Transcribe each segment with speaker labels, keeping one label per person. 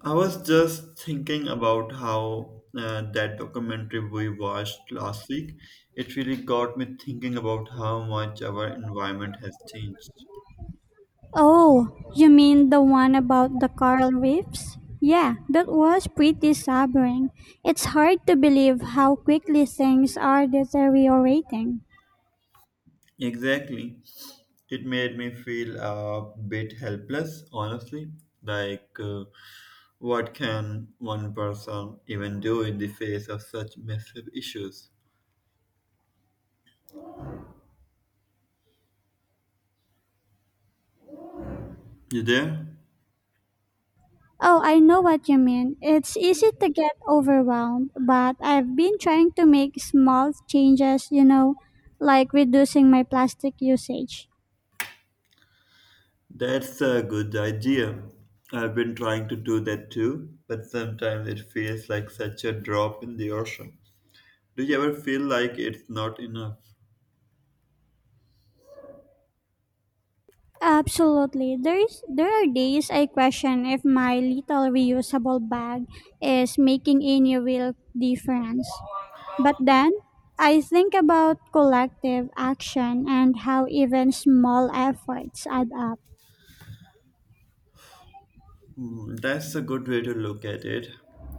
Speaker 1: I was just thinking about how that documentary we watched last week, it really got me thinking about how much our environment has changed.
Speaker 2: Oh, you mean the one about the coral reefs? Yeah, that was pretty sobering. It's hard to believe how quickly things are deteriorating.
Speaker 1: Exactly. It made me feel a bit helpless, honestly. Like, uh, what can one person even do in the face of such massive issues? You there?
Speaker 2: Oh, I know what you mean. It's easy to get overwhelmed, but I've been trying to make small changes, you know, like reducing my plastic usage.
Speaker 1: That's a good idea. I've been trying to do that too, but sometimes it feels like such a drop in the ocean. Do you ever feel like it's not enough?
Speaker 2: Absolutely. There are days I question if my little reusable bag is making any real difference. But then I think about collective action and how even small efforts add up.
Speaker 1: Hmm, that's a good way to look at it.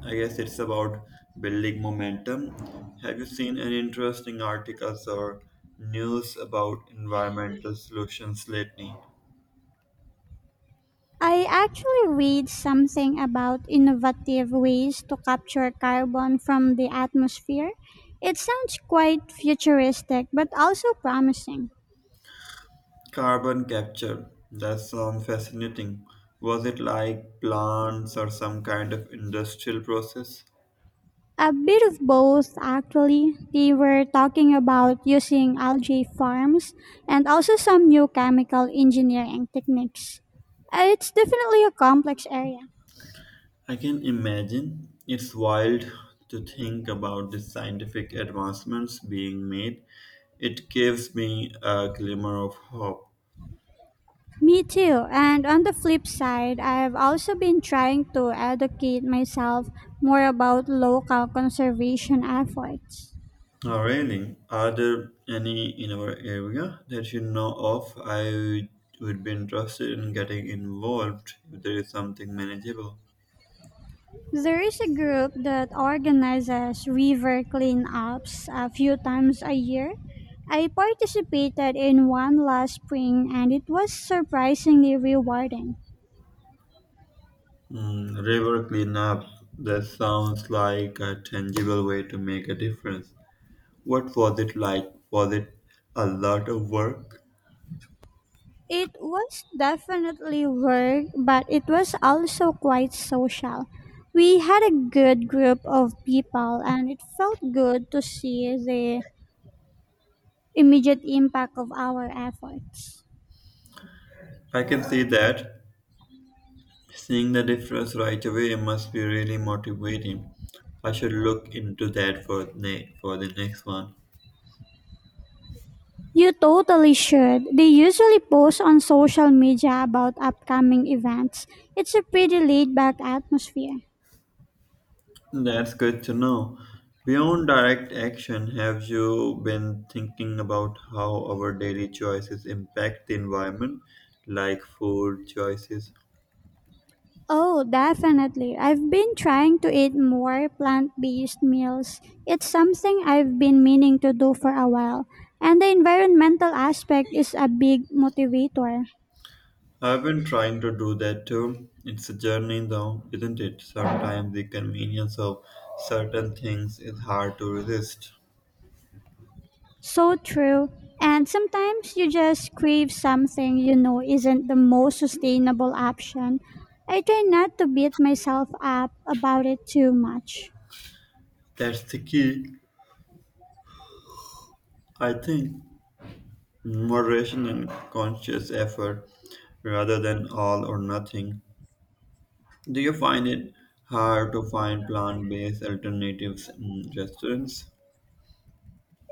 Speaker 1: I guess it's about building momentum. Have you seen any interesting articles or news about environmental solutions lately?
Speaker 2: I actually read something about innovative ways to capture carbon from the atmosphere. It sounds quite futuristic but also promising.
Speaker 1: Carbon capture. That sounds fascinating. Was it like plants or some kind of industrial process?
Speaker 2: A bit of both, actually. They were talking about using algae farms and also some new chemical engineering techniques. It's definitely a complex area.
Speaker 1: I can imagine. It's wild to think about the scientific advancements being made. It gives me a glimmer of hope.
Speaker 2: Me too. And on the flip side, I've also been trying to educate myself more about local conservation efforts.
Speaker 1: Oh, really? Are there any in our area that you know of? I would be interested in getting involved if there is something manageable.
Speaker 2: There is a group that organizes river cleanups a few times a year. I participated in one last spring and it was surprisingly rewarding.
Speaker 1: Hmm, river cleanup. That sounds like a tangible way to make a difference. What was it like? Was it a lot of work?
Speaker 2: It was definitely work, but it was also quite social. We had a good group of people and it felt good to see the immediate impact of our efforts.
Speaker 1: I can see that. Seeing the difference right away must be really motivating. I should look into that for the next one.
Speaker 2: You totally should. They usually post on social media about upcoming events. It's a pretty laid back atmosphere.
Speaker 1: That's good to know. Beyond direct action, have you been thinking about how our daily choices impact the environment, like food choices?
Speaker 2: Oh, definitely. I've been trying to eat more plant based meals. It's something I've been meaning to do for a while, and the environmental aspect is a big motivator.
Speaker 1: I've been trying to do that too. It's a journey though, isn't it? Sometimes the convenience of certain things is hard to resist.
Speaker 2: So true. And sometimes you just crave something you know isn't the most sustainable option. I try not to beat myself up about it too much.
Speaker 1: That's the key, I think. Moderation and conscious effort rather than all or nothing. Do you find it hard to find plant based alternatives in restaurants?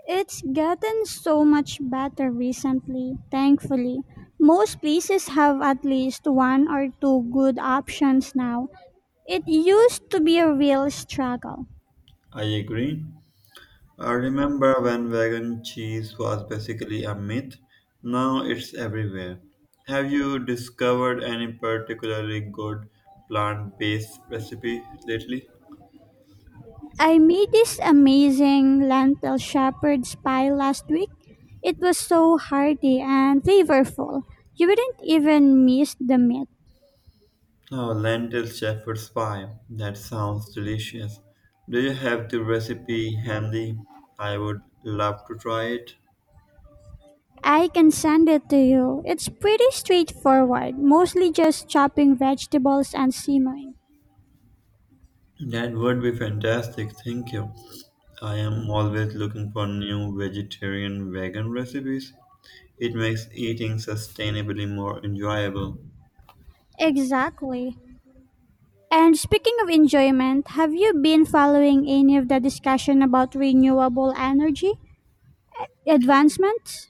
Speaker 2: It's gotten so much better recently, thankfully. Most places have at least one or two good options now. It used to be a real struggle.
Speaker 1: I agree. I remember when vegan cheese was basically a myth. Now it's everywhere. Have you discovered any particularly good plant based recipe lately?
Speaker 2: I made this amazing lentil shepherd's pie last week. It was so hearty and flavorful. You wouldn't even miss the meat.
Speaker 1: Oh, lentil shepherd's pie. That sounds delicious. Do you have the recipe handy? I would love to try it.
Speaker 2: I can send it to you. It's pretty straightforward, mostly just chopping vegetables and simmering.
Speaker 1: That would be fantastic. Thank you. I am always looking for new vegetarian vegan recipes. It makes eating sustainably more enjoyable.
Speaker 2: Exactly. And speaking of enjoyment, have you been following any of the discussion about renewable energy advancements?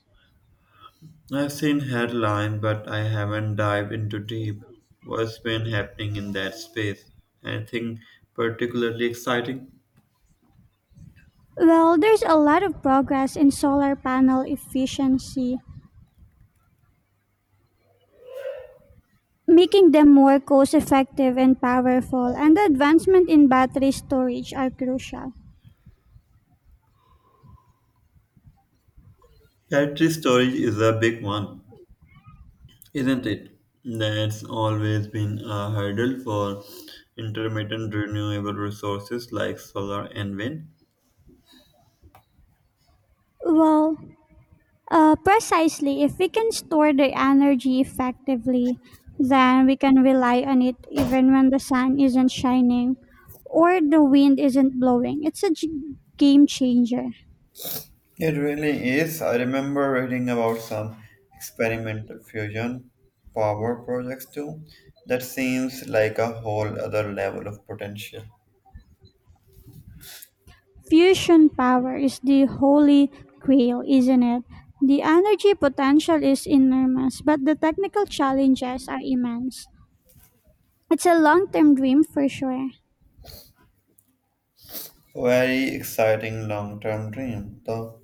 Speaker 1: I've seen headlines, but I haven't dived into deep. What's been happening in that space? Anything particularly exciting?
Speaker 2: Well, there's a lot of progress in solar panel efficiency making them more cost effective and powerful, and the advancement in battery storage are crucial.
Speaker 1: Pantry storage is a big one. Isn't it? That's always been a hurdle for intermittent renewable resources like solar and wind.
Speaker 2: Well, precisely, if we can store the energy effectively, then we can rely on it even when the sun isn't shining or the wind isn't blowing. It's a game changer.
Speaker 1: It really is. I remember reading about some experimental fusion power projects too. That seems like a whole other level of potential.
Speaker 2: Fusion power is the holy grail, isn't it? The energy potential is enormous, but the technical challenges are immense. It's a long term dream for sure.
Speaker 1: Very exciting long term dream, though.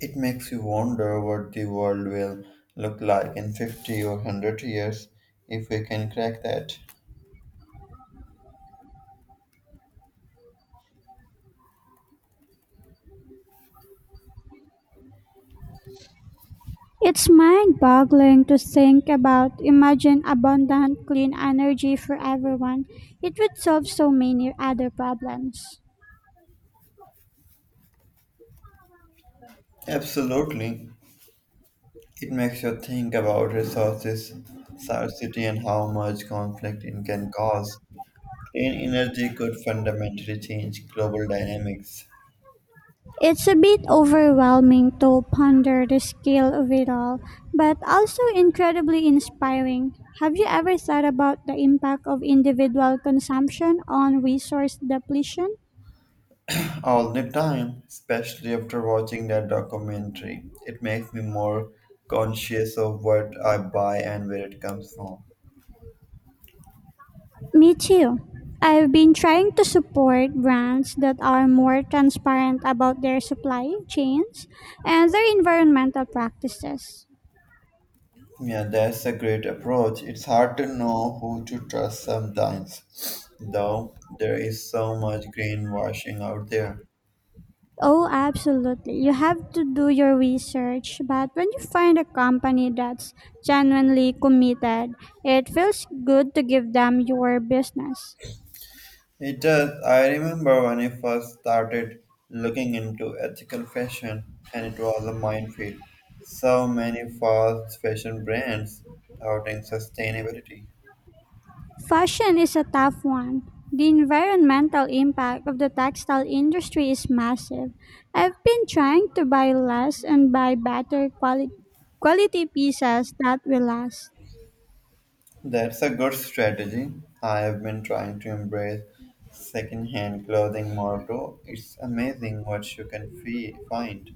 Speaker 1: It makes you wonder what the world will look like in 50 or 100 years if we can crack that.
Speaker 2: It's mind boggling to think about. Imagine abundant, clean energy for everyone. It would solve so many other problems.
Speaker 1: Absolutely. It makes you think about resources scarcity and how much conflict it can cause. Clean energy could fundamentally change global dynamics
Speaker 2: It's a bit overwhelming to ponder the scale of it all, but also incredibly inspiring. Have you ever thought about the impact of individual consumption on resource depletion?
Speaker 1: all the time, especially after watching that documentary. It makes me more conscious of what I buy and where it comes from.
Speaker 2: Me too. I've been trying to support brands that are more transparent about their supply chains and their environmental practices.
Speaker 1: Yeah, that's a great approach. It's hard to know who to trust sometimes, though there is so much greenwashing out there.
Speaker 2: Oh, absolutely. You have to do your research, but when you find a company that's genuinely committed, it feels good to give them your business.
Speaker 1: It does. I remember when I first started looking into ethical fashion, and it was a minefield. So many fast fashion brands touting sustainability.
Speaker 2: Fashion is a tough one. The environmental impact of the textile industry is massive. I've been trying to buy less and buy better quality pieces that will last.
Speaker 1: That's a good strategy. I have been trying to embrace second-hand clothing more too. It's amazing what you can find.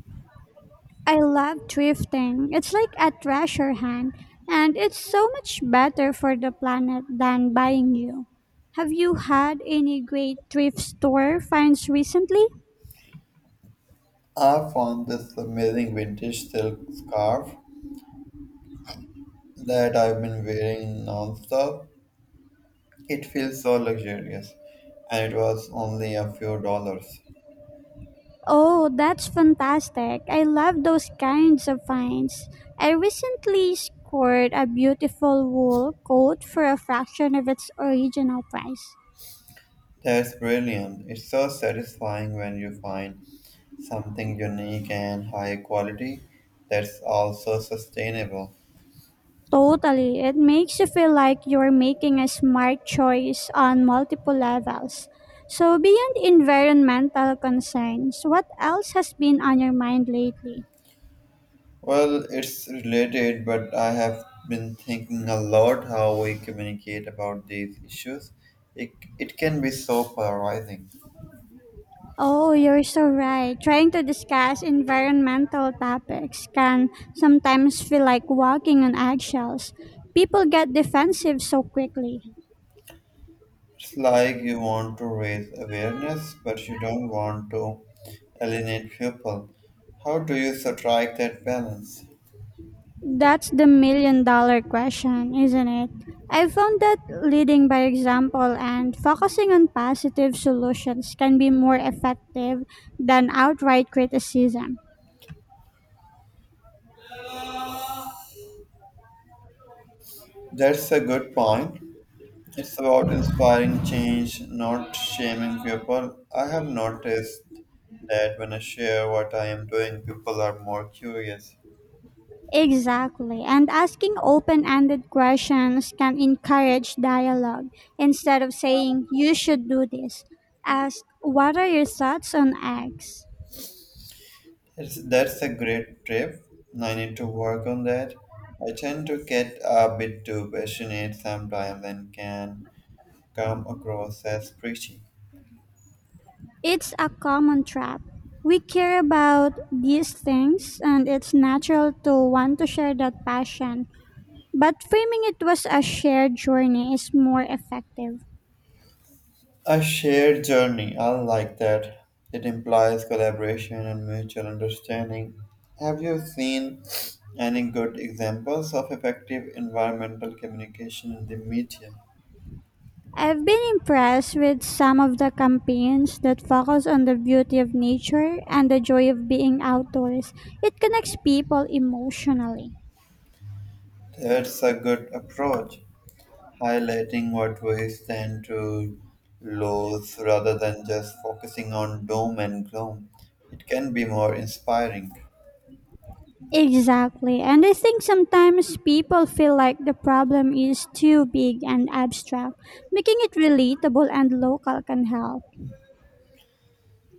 Speaker 2: I love thrifting. It's like a treasure hunt and it's so much better for the planet than buying new. Have you had any great thrift store finds recently?
Speaker 1: I found this amazing vintage silk scarf that I've been wearing non-stop. It feels so luxurious, and it was only a few dollars.
Speaker 2: Oh, that's fantastic. I love those kinds of finds. I recently scored a beautiful wool coat for a fraction of its original price.
Speaker 1: That's brilliant. It's so satisfying when you find something unique and high quality that's also sustainable.
Speaker 2: Totally. It makes you feel like you're making a smart choice on multiple levels. So, beyond environmental concerns, what else has been on your mind lately?
Speaker 1: Well, it's related, but I have been thinking a lot how we communicate about these issues. It, it can be so polarizing.
Speaker 2: Oh, you're so right. Trying to discuss environmental topics can sometimes feel like walking on eggshells. People get defensive so quickly.
Speaker 1: It's like you want to raise awareness, but you don't want to alienate people. How do you strike that balance?
Speaker 2: That's the million dollar question, isn't it? I found that leading by example and focusing on positive solutions can be more effective than outright criticism.
Speaker 1: That's a good point. It's about inspiring change, not shaming people. I have noticed that when I share what I am doing, people are more curious.
Speaker 2: Exactly. And asking open ended questions can encourage dialogue. Instead of saying, you should do this, ask, what are your thoughts on X?
Speaker 1: That's a great tip. I need to work on that. I tend to get a bit too passionate sometimes and can come across as preachy.
Speaker 2: It's a common trap. We care about these things, and it's natural to want to share that passion. But framing it was a shared journey is more effective.
Speaker 1: A shared journey, I like that. It implies collaboration and mutual understanding. Have you seen any good examples of effective environmental communication in the media?
Speaker 2: I've been impressed with some of the campaigns that focus on the beauty of nature and the joy of being outdoors. It connects people emotionally.
Speaker 1: That's a good approach, highlighting what we stand to lose rather than just focusing on doom and gloom. It can be more inspiring.
Speaker 2: Exactly. And I think sometimes people feel like the problem is too big and abstract. Making it relatable and local can help.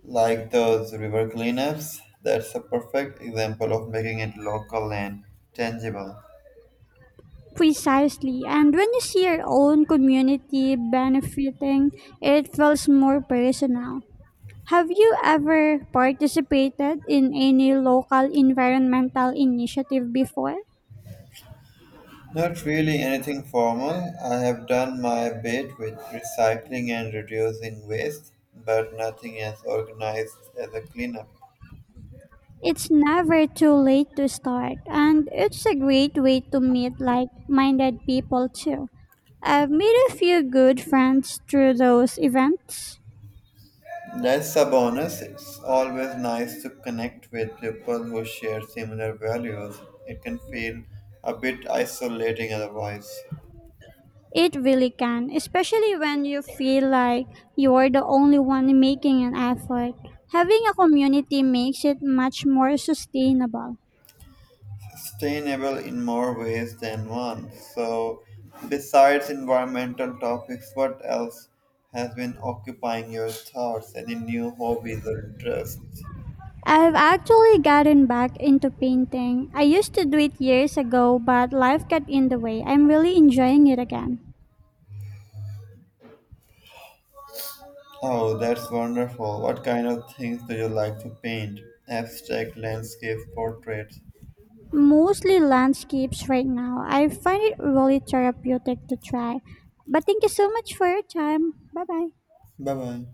Speaker 1: Like those river cleanups, that's a perfect example of making it local and tangible.
Speaker 2: Precisely. And when you see your own community benefiting, it feels more personal. Have you ever participated in any local environmental initiative before?
Speaker 1: Not really anything formal. I have done my bit with recycling and reducing waste, but nothing as organized as a cleanup.
Speaker 2: It's never too late to start, and it's a great way to meet like minded people too. I've made a few good friends through those events.
Speaker 1: That's a bonus. It's always nice to connect with people who share similar values. It can feel a bit isolating otherwise.
Speaker 2: It really can, especially when you feel like you're the only one making an effort. Having a community makes it much more sustainable.
Speaker 1: Sustainable in more ways than one. So, besides environmental topics, what else has been occupying your thoughts? Any new hobbies or interests?
Speaker 2: I've actually gotten back into painting. I used to do it years ago, but life got in the way. I'm really enjoying it again.
Speaker 1: Oh, that's wonderful. What kind of things do you like to paint? Abstract landscapes, portraits.
Speaker 2: Mostly landscapes right now. I find it really therapeutic to try. But thank you so much for your time. Bye bye.
Speaker 1: Bye bye.